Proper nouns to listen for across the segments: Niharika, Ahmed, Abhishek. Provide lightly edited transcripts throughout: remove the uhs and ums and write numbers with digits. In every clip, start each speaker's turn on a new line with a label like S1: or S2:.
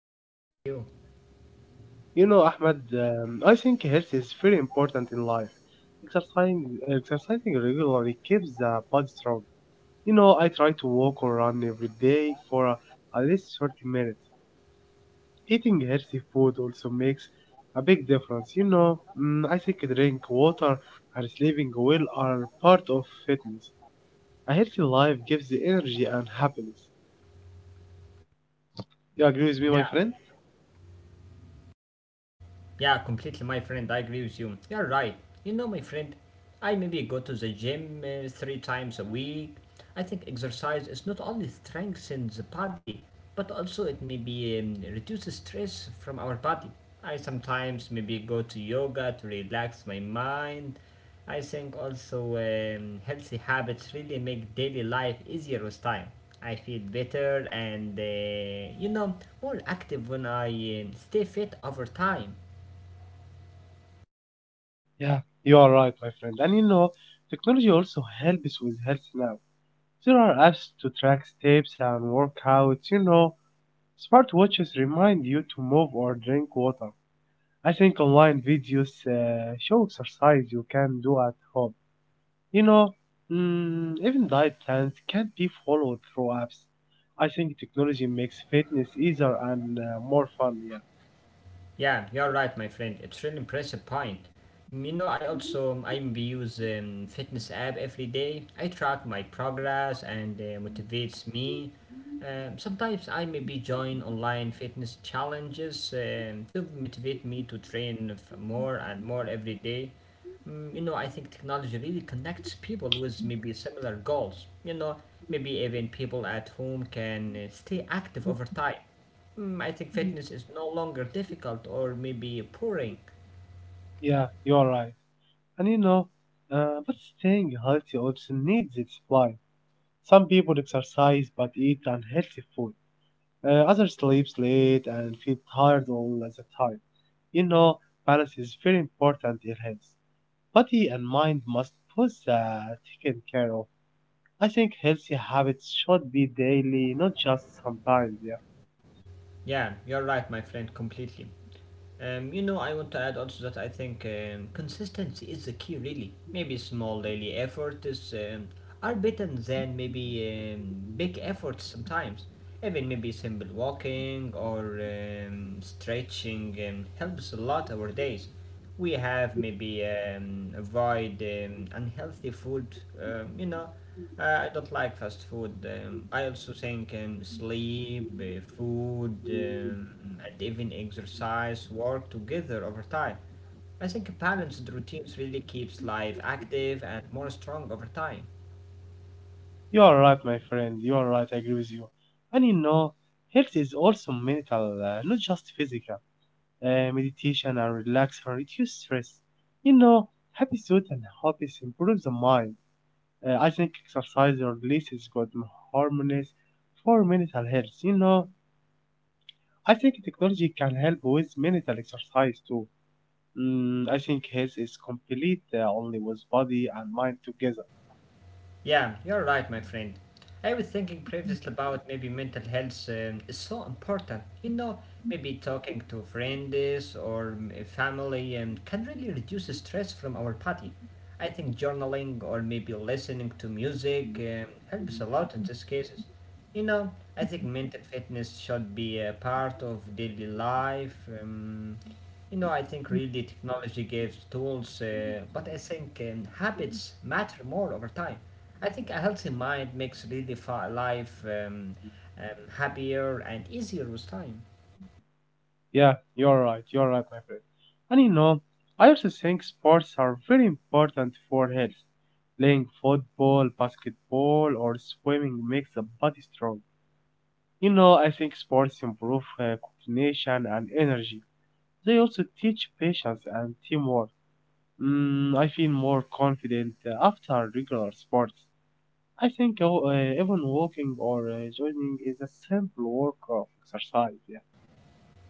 S1: I am fine, thank you.
S2: You know, Ahmed, I think health is very important in life. Exercising regularly keeps the body strong. You know, I try to walk or run every day for at least 30 minutes. Eating healthy food also makes a big difference. You know, I think drink water and sleeping well are part of fitness. A healthy life gives the energy and happiness. You agree with me, my
S1: Yeah,
S2: friend?
S1: yeah, completely, my friend. I agree with you. You're right. You know, my friend, I maybe go to the gym three times a week. I think exercise is not only strengthens the body, but also it maybe reduces stress from our body. I sometimes maybe go to yoga to relax my mind. I think also healthy habits really make daily life easier with time. I feel better and more active when I stay fit over time.
S2: Yeah, you are right, my friend. And you know, technology also helps with health now. There are apps to track steps and workouts. You know, smartwatches remind you to move or drink water. I think online videos show exercise you can do at home. You know, even diet plans can be followed through apps. I think technology makes fitness easier and more fun. Yeah,
S1: Yeah, you're right, my friend. It's really impressive point. You know, I also I use fitness app every day. I track my progress and motivates me. Sometimes I maybe join online fitness challenges to motivate me to train more and more every day. I think technology really connects people with maybe similar goals. Maybe even people at home can stay active over time. I think fitness is no longer difficult or maybe boring.
S2: yeah, you are right. And you know, but staying healthy also needs its life. Some people exercise but eat unhealthy food. Others sleep late and feel tired all the time. You know, balance is very important in health. Body and mind must both taken care of. I think healthy habits should be daily, not just sometimes. Yeah.
S1: Yeah, you're right, my friend, completely. I want to add also that I think consistency is the key, really. Maybe small daily efforts are better than maybe big efforts sometimes. Even maybe simple walking or stretching helps a lot our days. We have maybe avoid unhealthy food, um, you know, I don't like fast food. I also think sleep, food, and even exercise work together over time. I think a balanced routines really keeps life active and more strong over time.
S2: You are right, my friend. You are right. I agree with you. And you know, health is also mental, not just physical. Meditation and relax and reduce stress. You know, happy suit and hobbies improve the mind. I think exercise releases good hormones for mental health. You know, I think technology can help with mental exercise too. I think health is complete only with body and mind together.
S1: Yeah, you're right, my friend. I was thinking previously about maybe mental health is so important. Maybe talking to friends or family can really reduce stress from our body. I think journaling or maybe listening to music helps a lot in these cases. I think mental fitness should be a part of daily life. I think really technology gives tools, but I think habits matter more over time. I think a healthy mind makes really life um, happier and easier with time.
S2: Yeah, you're right. You're right, my friend. And you know, I also think sports are very important for health. Playing football, basketball, or swimming makes the body strong. You know, I think sports improve coordination and energy. They also teach patience and teamwork. I feel more confident after regular sports. I think even walking or jogging is a simple work of exercise. Yeah.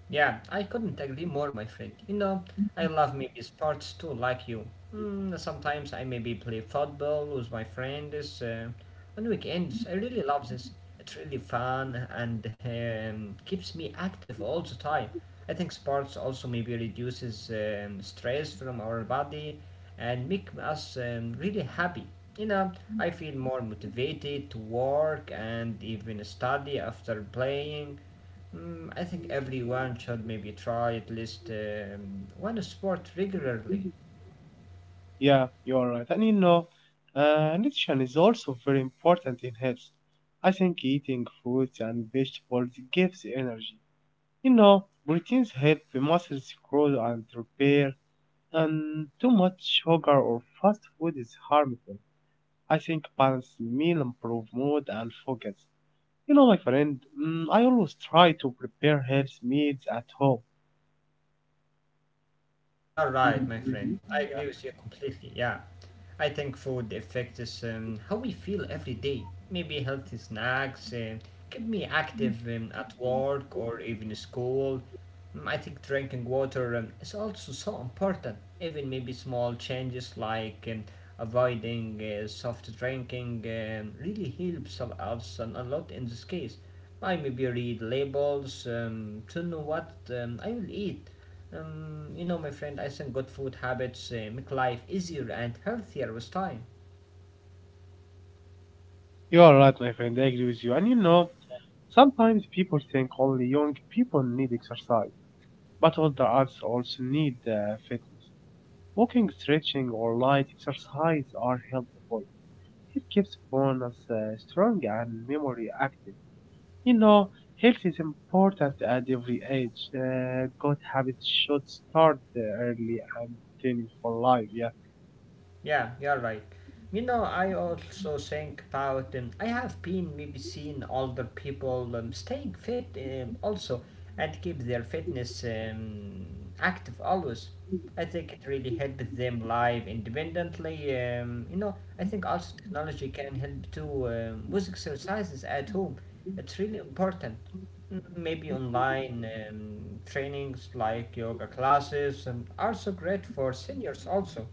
S1: Yeah, I couldn't agree more, my friend. I love maybe sports too, like you. Sometimes I maybe play football with my friends on weekends. I really love this. It's really fun and keeps me active all the time. I think sports also maybe reduces stress from our body and make us really happy. You know, I feel more motivated to work and even study after playing. I think everyone should maybe try at least one sport regularly.
S2: Yeah, you are right. And you know, nutrition is also very important in health. I think eating fruits and vegetables gives energy. You know, proteins help the muscles grow and repair, and too much sugar or fast food is harmful. I think balanced meal improve mood and focus. You know, my friend, I always try to prepare health meals at home.
S1: Yeah, you're right, my friend.
S2: You
S1: I agree with you completely. Yeah. I think food affects how we feel every day. Maybe healthy snacks keep me active at work or even school. I think drinking water is also so important. Even maybe small changes like avoiding soft drinking really helps us a lot in this case. I maybe read labels to know what I will eat. My friend, I think good food habits make life easier and healthier with time.
S2: You are right, my friend. I agree with you. And you know, sometimes people think only young people need exercise, but older adults also need fitness. Walking, stretching, or light exercise are helpful. It keeps bones uh, strong and memory active. You know, health is important at every age. Good habits should start early and continue for life. Yeah,
S1: Yeah, you're right. I also think about. I have been maybe seen older people staying fit also and keep their fitness active always. I think it really helps them live independently. I think also technology can help too with exercises at home. It's really important. Maybe online trainings like yoga classes are so great for seniors also.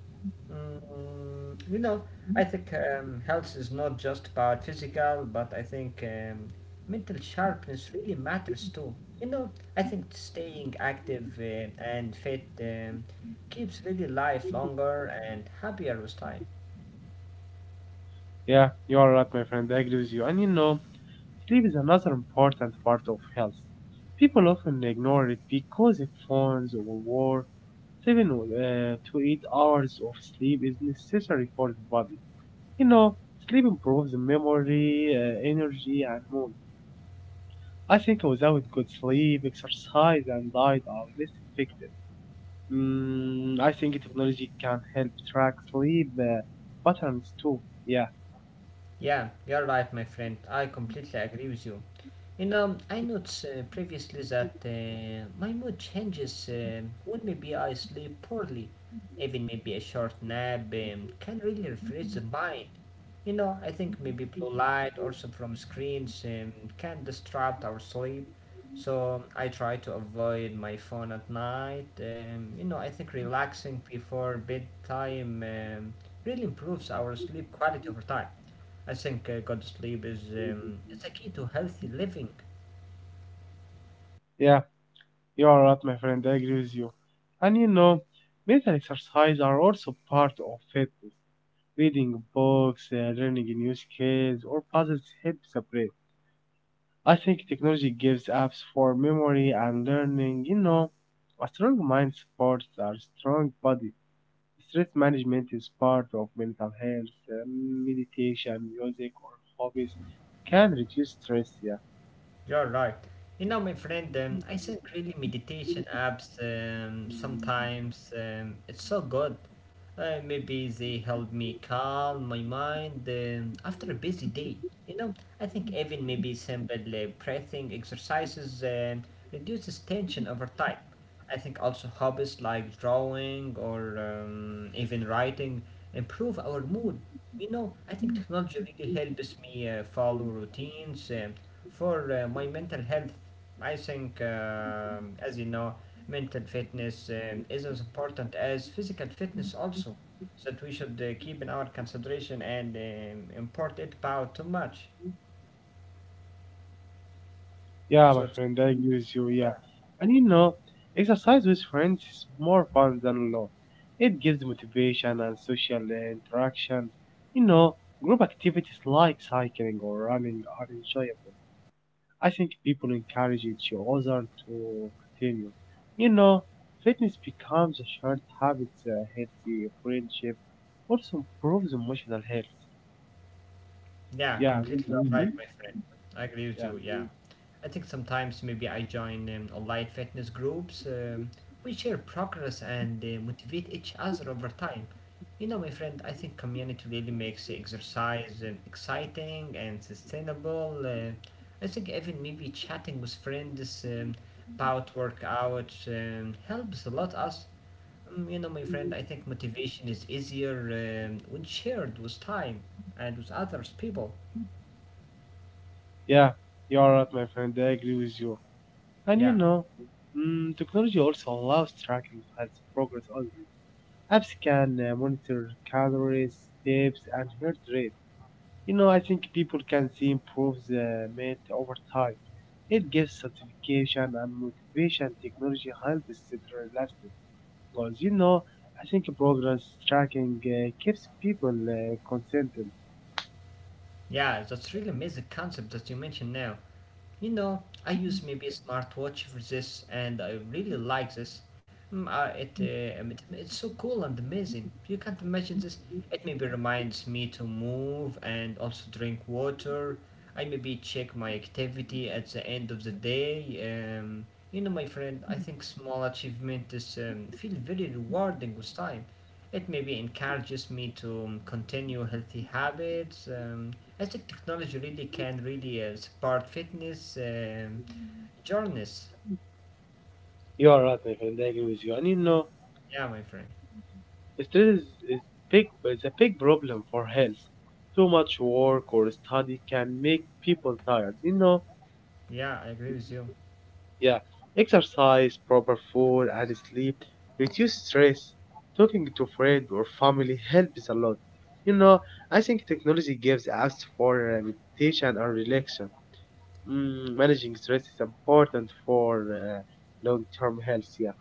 S1: Mm, you know, I think health is not just about physical, but I think mental sharpness really matters too. I think staying active and fit keeps really life longer and happier with time.
S2: yeah, you are right, my friend. I agree with you. And you know, sleep is another important part of health. People often ignore it because of phones or war. 7 to 8 hours of sleep is necessary for the body. You know, sleep improves memory, energy, and mood. I think without good sleep, exercise, and diet are less effective. I think technology can help track sleep patterns too. Yeah,
S1: Yeah, you're right, my friend. I completely agree with you. I noticed previously that my mood changes when maybe I sleep poorly. Even maybe a short nap can really refresh the mind. I think maybe blue light also from screens can disrupt our sleep. So I try to avoid my phone at night. I think relaxing before bedtime really improves our sleep quality over time. I think good sleep is a key to healthy living.
S2: yeah. You are right, my friend. I agree with you. And you know, mental exercise are also part of fitness. Reading books, learning new skills, or puzzles help the brain. I think technology gives apps for memory and learning. You know, a strong mind supports a strong body. Stress management is part of mental health. Meditation, music, or hobbies can reduce stress. Yeah.
S1: You're right. My friend, I think really meditation apps sometimes it's so good. Maybe they help me calm my mind after a busy day. You know, I think even maybe simple breathing exercises reduces tension over time. I think also hobbies like drawing or even writing improve our mood. I think technology really helps me follow routines. For my mental health, I think, as you know, mental fitness is as important as physical fitness, also, that we should keep in our consideration and import it about too much.
S2: Yeah, my
S1: So,
S2: friend, I agree with you. Yeah,
S1: yeah,
S2: and you know, exercise with friends is more fun than alone. It gives motivation and social interaction. You know, group activities like cycling or running are enjoyable. I think people encourage each other to continue. You know, fitness becomes a shared habit. A healthy friendship also improves emotional health.
S1: yeah,
S2: Yeah,
S1: completely right,
S2: mhm.
S1: my friend. I agree with
S2: Yeah,
S1: you, yeah. I think sometimes maybe I join online fitness groups. We share progress and motivate each other over time. My friend, I think community really makes exercise exciting and sustainable. I think even maybe chatting with friends about workouts helps a lot us. My friend, I think motivation is easier when shared with time and with others people.
S2: yeah. You are right, my friend. I agree with you. And you
S1: Yeah,
S2: know, technology also allows tracking health progress only. Apps can monitor calories, steps, and heart rate. You know, I think people can see improves made over time. It gives certification and motivation. Technology helps it lasting goals. You know, I think progress tracking keeps people consistent.
S1: yeah, that's really amazing concept that you mentioned now. I use maybe a smartwatch for this, and I really like this. It's so cool and amazing. You can't imagine this. It maybe reminds me to move and also drink water. I maybe check my activity at the end of the day. My friend, I think small achievement is feel very rewarding with time. It maybe encourages me to continue healthy habits. I think technology really can really support fitness journeys.
S2: You are right, my friend. I agree with you. And you know,
S1: Yeah, my friend.
S2: stress is is a big problem for health. Too much work or study can make people tired. You know,
S1: Yeah, I agree with you.
S2: yeah. Exercise, proper food, and sleep reduce stress. Talking to friends or family helps a lot. You know, I think technology gives us for meditation and relaxation. Managing stress is important for long-term health. Yeah,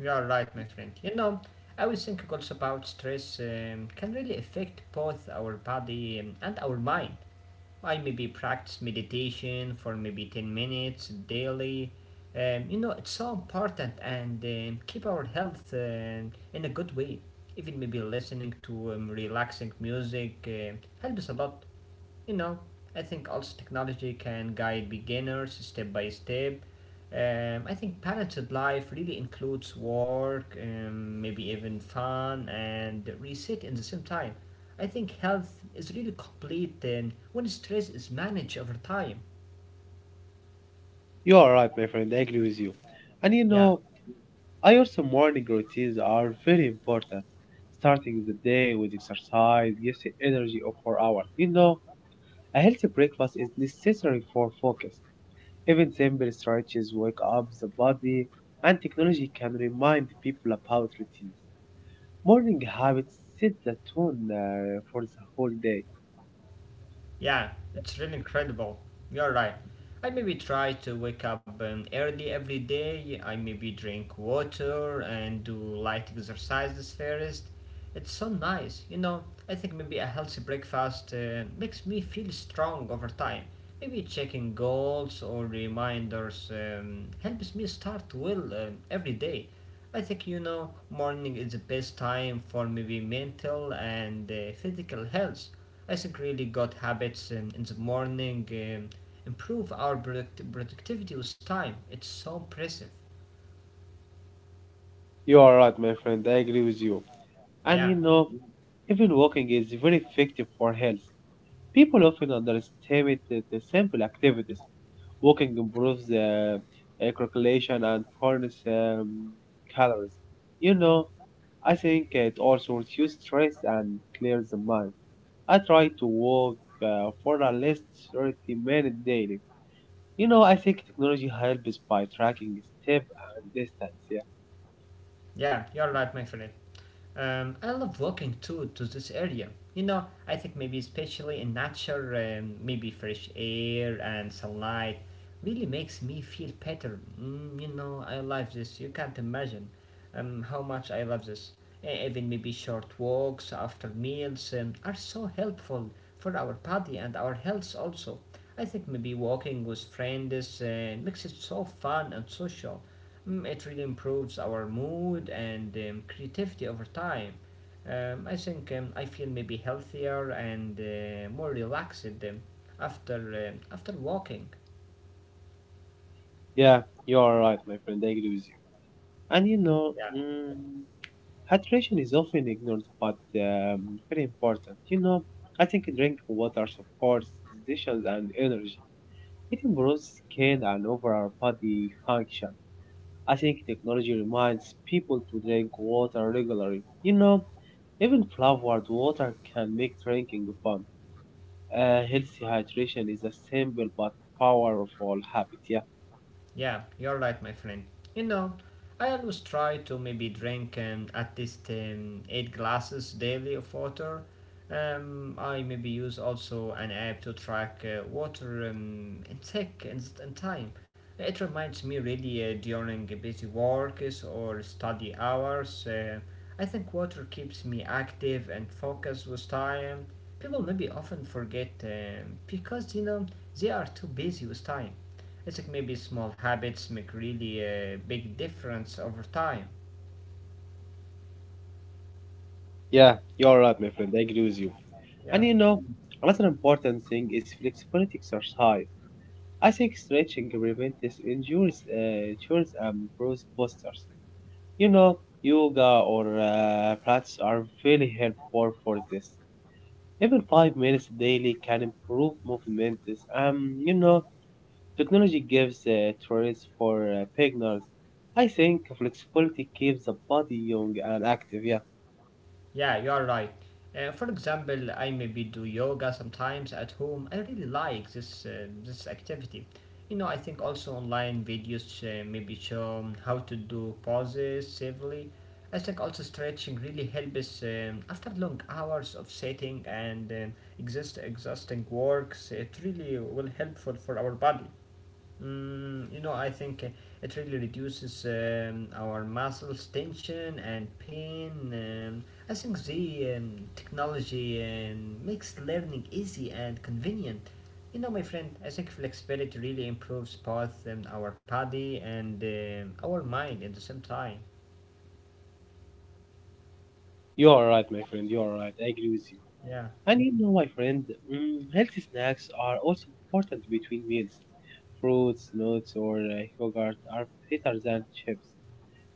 S1: You are right, my friend. I was thinking also about stress can really affect both our body and our mind. I maybe practice meditation for maybe 10 minutes daily. It's so important and keep our health in a good way. Even maybe listening to relaxing music helps a lot. you know, I think also technology can guide beginners step by step. I think balanced life really includes work, maybe even fun and reset in the same time. I think health is really complete when stress is managed over time.
S2: you are right, my friend. I agree with you. And you
S1: Yeah.
S2: know, I also morning routines are very important. Starting the day with exercise gives you energy of 4 hours. You know, a healthy breakfast is necessary for focus. Even simple stretches wake up the body, and technology can remind people about routines. Morning habits set the tone for the whole day.
S1: Yeah, it's really incredible. You're right. I maybe try to wake up early every day. I maybe drink water and do light exercises first. It's so nice. I think maybe a healthy breakfast makes me feel strong over time. Maybe checking goals or reminders helps me start well every day. I think morning is the best time for maybe mental and physical health. I think really good habits in the morning improve our productivity with time. It's so impressive.
S2: You are right, my friend. I agree with you.
S1: Yeah,
S2: And you know, even walking is very effective for health. People often underestimate the simple activities. Walking improves circulation and burns calories. You know, I think it also reduces stress and clears the mind. I try to walk for at least 30 minutes daily. You know, I think technology helps by tracking step and distance. Yeah,
S1: yeah, you're right, my friend. I love walking too to this area. I think maybe especially in nature, maybe fresh air and sunlight really makes me feel better. I love this. You can't imagine how much I love this. Even maybe short walks after meals are so helpful for our body and our health also. I think maybe walking with friends makes it so fun and social. It really improves our mood and creativity over time. I think I feel maybe healthier and more relaxed after after walking.
S2: yeah, you are right, my friend. I agree with you. And you know,
S1: Yeah.
S2: hydration is often ignored, but very important. You know, I think drinking water supports digestion and energy. It improves skin and overall body function. I think technology reminds people to drink water regularly. You know, even flavored water can make drinking fun. Healthy hydration is a simple but powerful habit. Yeah,
S1: Yeah, you're right, my friend. You know, I always try to maybe drink at least eight glasses daily of water. I maybe use also an app to track water intake and time. It reminds me really during busy works or study hours. I think water keeps me active and focused with time. People maybe often forget because they are too busy with time. It's like maybe small habits make really a big difference over time.
S2: yeah, you're right, my friend. I agree with you.
S1: Yeah,
S2: And you know, another important thing is flexibility exercise. I think stretching prevents injuries and improves postures. You know, yoga or pilates are very helpful for this. Even 5 minutes daily can improve movement. You know, technology gives choice for beginners. I think flexibility keeps the body young and active. Yeah,
S1: yeah, you are right. For example, I maybe do yoga sometimes at home. I really like this activity. I think also online videos maybe show how to do poses safely. I think also stretching really helps after long hours of sitting and exist exhausting works. It really will helpful for our body. I think it really reduces our muscles tension and pain. I think the technology makes learning easy and convenient. You know, my friend, I think flexibility really improves both our body and our mind at the same time.
S2: you are right, my friend. You are right. I agree with you.
S1: Yeah,
S2: And you know, my friend, healthy snacks are also important between meals. Fruits, nuts, or yogurt are better than chips.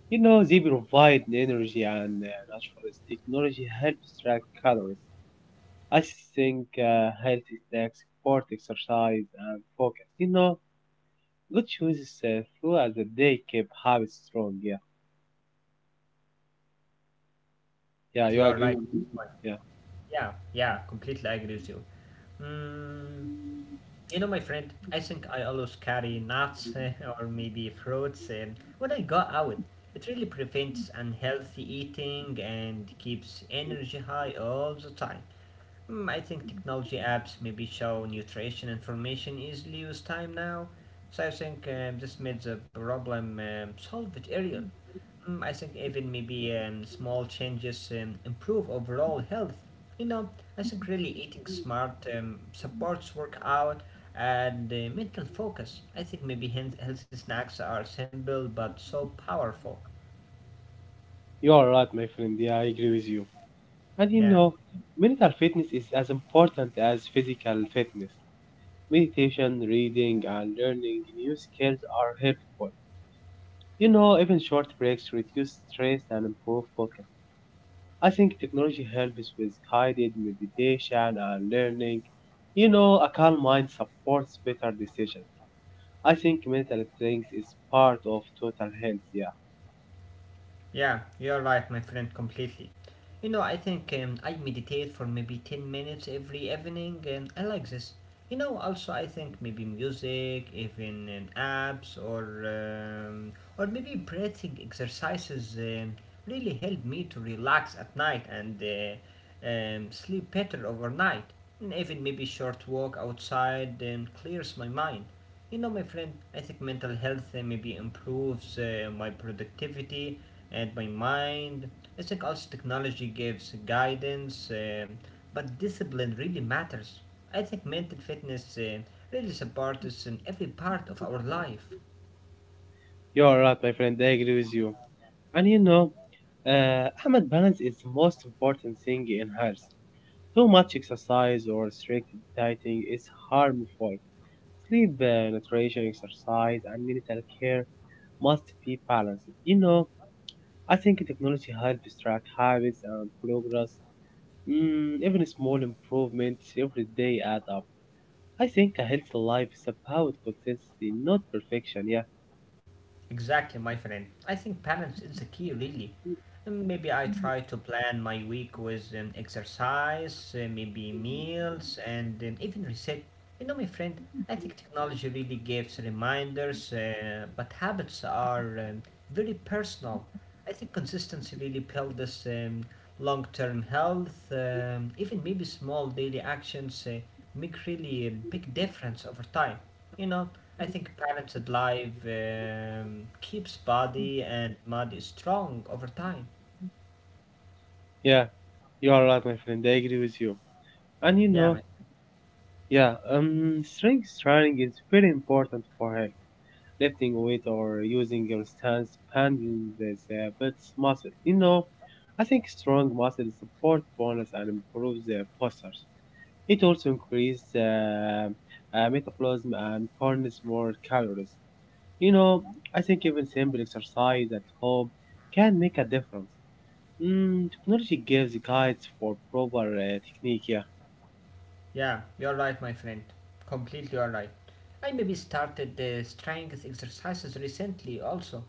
S2: You know, they provide energy and natural technology helps track calories. I think healthy snacks support exercise and focus. You know, good choices throughout the day keep habits strong. Yeah,
S1: yeah,
S2: yeah,
S1: completely
S2: you
S1: all
S2: agree
S1: right.
S2: with me? Yeah,
S1: Yeah, yeah, completely I agree with you. Mm, You know, my friend, I think I always carry nuts or maybe fruits when I go out. It really prevents unhealthy eating and keeps energy high all the time. I think technology apps maybe show nutrition information easily with time now, so I think this made the problem solved earlier. I think even maybe small changes improve overall health. You know, I think really eating smart supports workout and mental focus. I think maybe healthy snacks are simple but so powerful.
S2: you are right, my friend. Yeah, I agree with you. And you
S1: Yeah.
S2: know, mental fitness is as important as physical fitness. Meditation, reading, and learning new skills are helpful. You know, even short breaks reduce stress and improve focus. I think technology helps with guided meditation and learning. You know, a calm mind supports better decisions. I think mental strength is part of total health. Yeah,
S1: Yeah, you're right, my friend, completely. You know, I think I meditate for maybe 10 minutes every evening, and I like this. You know, also, I think maybe music, even apps, or maybe breathing exercises really help me to relax at night and sleep better overnight. And even maybe short walk outside clears my mind. You know, my friend, I think mental health maybe improves my productivity and my mind. I think also technology gives guidance, but discipline really matters. I think mental fitness really supports us in every part of our life.
S2: you're right, my friend. I agree with you. And you know, Ahmed, balance is the most important thing in health. Too much exercise or restricted dieting is harmful. Sleep, nutrition, exercise, and mental care must be balanced. You know, I think technology helps track habits and progress. Even small improvements every day add up. I think a healthy life is about consistency, not perfection. Yeah,
S1: Exactly, my friend. I think balance is the key, really. And maybe I try to plan my week with exercise, maybe meals, and even reset. You know, my friend, I think technology really gives reminders, but habits are very personal. I think consistency really builds long term health. Even maybe small daily actions make really a big difference over time. You know, I think parented life keeps body and mind strong over time.
S2: yeah, you are right, my friend. I agree with you. And you
S1: Yeah, man.
S2: know, yeah, strength training is very important for health. Lifting weight or using your stance expanding this bits muscles. You know, I think strong muscles support bones and improves the postures. It also increases metabolism and burns more calories. You know, I think even simple exercise at home can make a difference. Technology gives guides for proper technique. Yeah,
S1: Yeah, you're right, my friend. Completely you right. I maybe started the strength exercises recently also.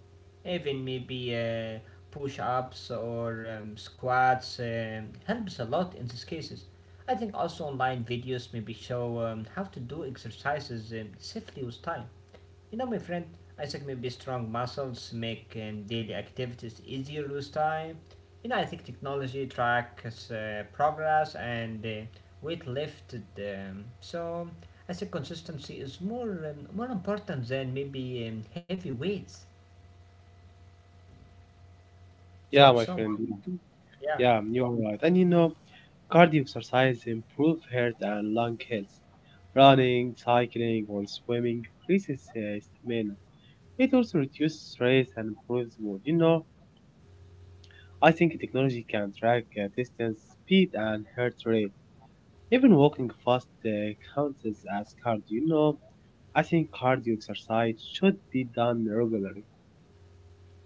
S1: Even maybe push-ups or squats helps a lot in these cases. I think also online videos maybe show how to do exercises safely with time. You know, my friend, I think maybe strong muscles make daily activities easier with time. You know, I think technology tracks progress and weight lifted. So I think consistency is more important than maybe heavy weights. So it's
S2: yeah, my
S1: somehow,
S2: friend.
S1: yeah.
S2: Yeah, you are right. And you know, cardio exercise improve heart and lung health. Running, cycling, or swimming increases stamina. It also reduces stress and improves mood. You know, I think technology can track distance, speed, and heart rate. Even walking fast counts as cardio. You know, I think cardio exercise should be done regularly.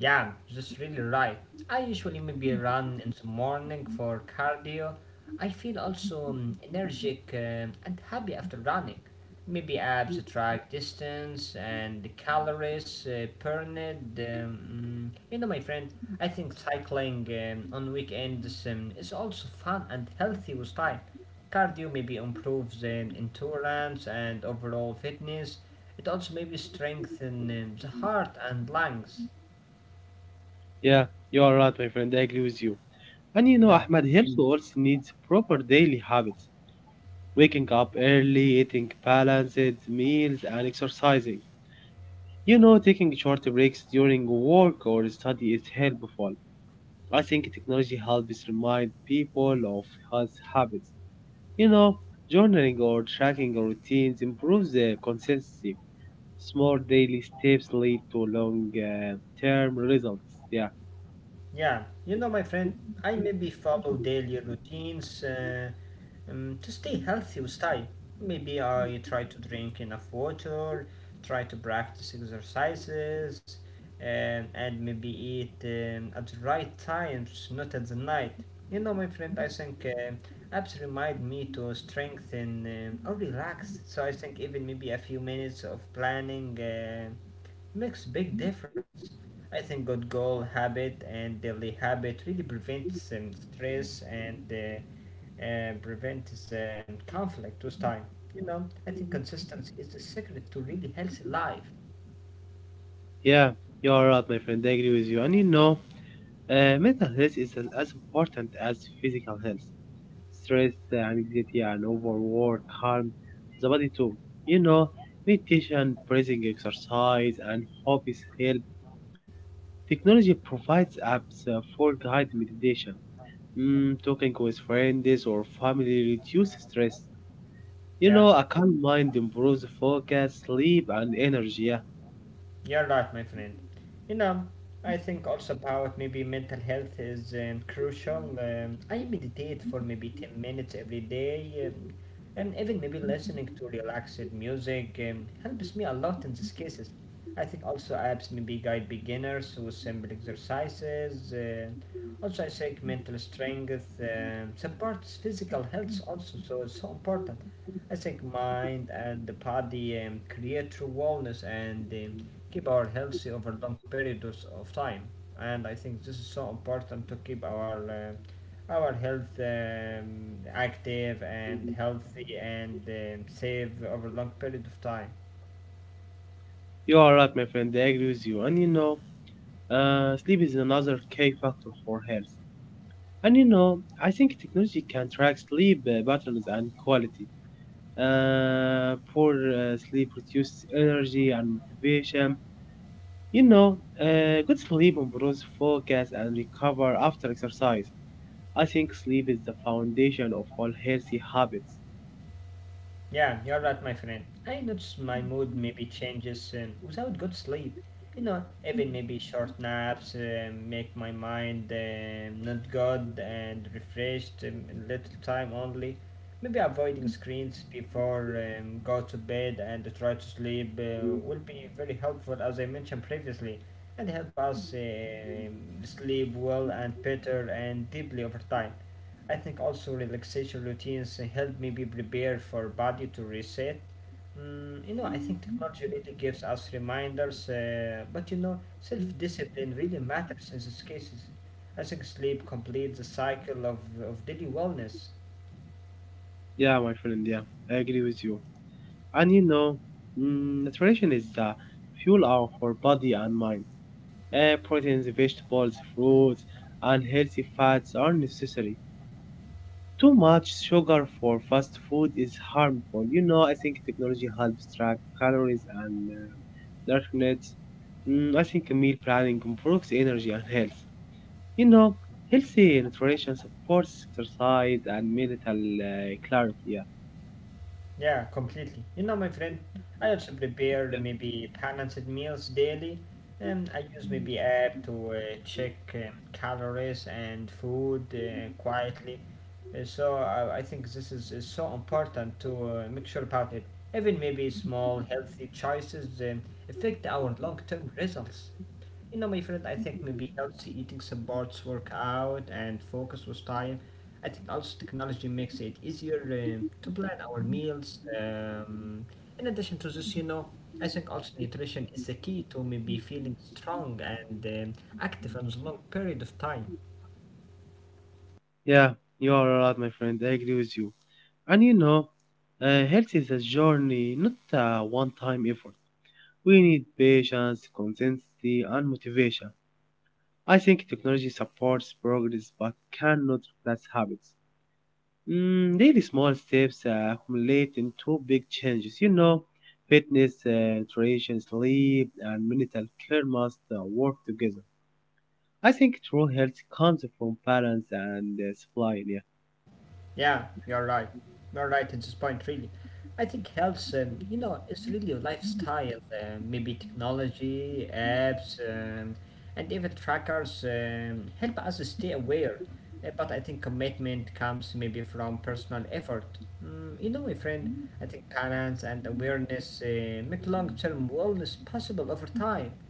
S1: Yeah, that's really right. I usually maybe run in the morning for cardio. I feel also energetic and happy after running. Maybe I subtract distance and the calories burned. You know, my friend, I think cycling on weekends is also fun and healthy with time. Cardio maybe improves endurance and overall fitness. It also maybe strengthens the heart and lungs.
S2: Yeah, you are right, my friend. I agree with you. And you know,
S1: Yeah.
S2: Ahmed, health also needs proper daily habits. Waking up early, eating balanced meals, and exercising. You know, taking short breaks during work or study is helpful. I think technology helps remind people of health habits. You know, journaling or tracking routines improves the consistency. Small daily steps lead to long term results. Yeah,
S1: Yeah, you know, my friend, I maybe follow daily routines to stay healthy with time. Maybe I try to drink enough water, try to practice exercises, and maybe eat at the right times, not at the night. You know, my friend, I think apps remind me to strengthen or relax. So I think even maybe a few minutes of planning makes big difference. I think good goal habit and daily habit really prevents stress and prevents conflict with time. You know, I think consistency is the secret to really healthy life.
S2: yeah, you are right, my friend. I agree with you. And you know, آه، mental health is as important as physical health. Stress, anxiety, and overwork harm the body too. You know, meditation, breathing exercise, and hobbies help. Technology provides apps for guided meditation. Talking with friends or family reduces stress. You
S1: Yeah.
S2: know, a calm mind improves focus, sleep, and energy. Yeah,
S1: You're right, my friend. You know, I think also about maybe mental health is crucial. I meditate for maybe 10 minutes every day, and even maybe listening to relaxed music helps me a lot in these cases. I think also apps maybe guide beginners with simple exercises. Also, I think mental strength supports physical health also, so it's so important. I think mind and the body create true wellness and keep our healthy over long periods of time. And I think this is so important to keep our health active and healthy and safe over long period of time.
S2: you are right, my friend. I agree with you. And you know, sleep is another key factor for health. And you know, I think technology can track sleep patterns and quality. Poor sleep reduces energy and motivation. You know, good sleep improves focus and recover after exercise. I think sleep is the foundation of all healthy habits.
S1: Yeah, you're right, my friend. I notice my mood maybe changes without good sleep. You know, even maybe short naps make my mind not good and refreshed in little time only. Maybe avoiding screens before go to bed and try to sleep will be very helpful, as I mentioned previously, and help us sleep well and better and deeply over time. I think also relaxation routines help me be prepared for body to reset. You know, I think technology really gives us reminders, but you know, self-discipline really matters in these cases. I think sleep completes the cycle of daily wellness.
S2: Yeah, my friend, yeah, I agree with you. And you know, nutrition is the fuel of our body and mind. Proteins, vegetables, fruits, and healthy fats are necessary. Too much sugar for fast food is harmful. You know, I think technology helps track calories and nutrients. I think meal planning improves energy and health. You know, healthy nutrition supports exercise and mental clarity. Yeah.
S1: Yeah, completely. You know, my friend, I also
S2: Yeah.
S1: prepare the maybe balanced meals daily, and I use maybe app to check calories and food quietly. So I think this is so important to make sure about it. Even maybe small healthy choices affect our long-term results. You know, my friend, I think maybe healthy eating supports workout and focus with time. I think also technology makes it easier to plan our meals. In addition to this, you know, I think also nutrition is the key to maybe feeling strong and active in the long period of time.
S2: Yeah, you are right, my friend. I agree with you. And you know, health is a journey, not a one time effort. We need patience, consistency, and motivation. I think technology supports progress but cannot replace habits. Daily small steps accumulate into big changes. You know, fitness, nutrition, sleep, and mental care must work together. I think true health comes from balance and supply. Yeah.
S1: Yeah, you're right. You're right at this point, really. I think health, you know, it's really a lifestyle, maybe technology, apps, and even trackers help us stay aware. But I think commitment comes maybe from personal effort. You know, my friend, I think balance and awareness make long term wellness possible over time.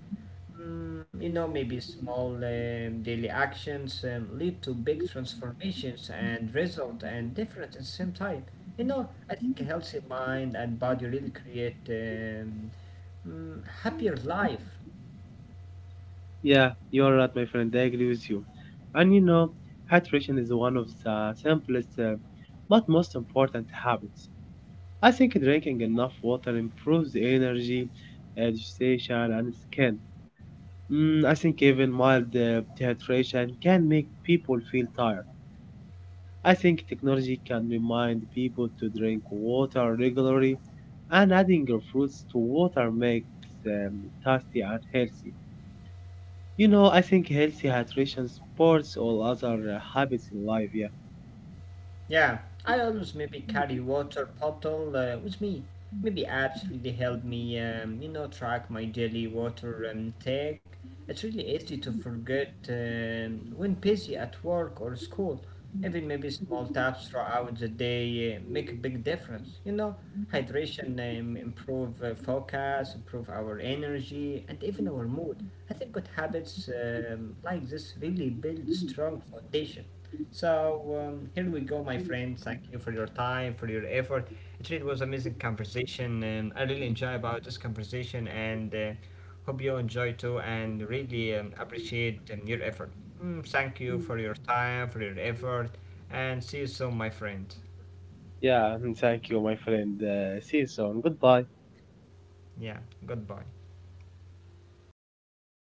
S1: You know, maybe small daily actions lead to big transformations and result and difference at the same time. You know, I think a healthy mind and body really create happier life.
S2: Yeah, you are right, my friend. I agree with you. And you know, hydration is one of the simplest but most important habits. I think drinking enough water improves the energy, uh, digestion, and skin. I think even mild dehydration can make people feel tired. I think technology can remind people to drink water regularly, and adding your fruits to water makes tasty and healthy. You know, I think healthy hydration supports all other habits in life. Yeah,
S1: Yeah, I always maybe carry water bottle with me. Maybe apps really help me, you know, track my daily water intake. It's really easy to forget when busy at work or school. Even maybe small taps throughout the day make a big difference. You know, hydration improve focus, improve our energy, and even our mood. I think good habits like this really build a strong foundation. So here we go, my friends. Thank you for your time, for your effort. Actually, it was amazing conversation, and I really enjoy about this conversation, and hope you enjoy too, and really appreciate your effort. Thank you
S2: mm,
S1: for your time, for your effort, and see you soon, my friend.
S2: yeah. Thank you, my friend. See you soon. Goodbye.
S1: Yeah, goodbye.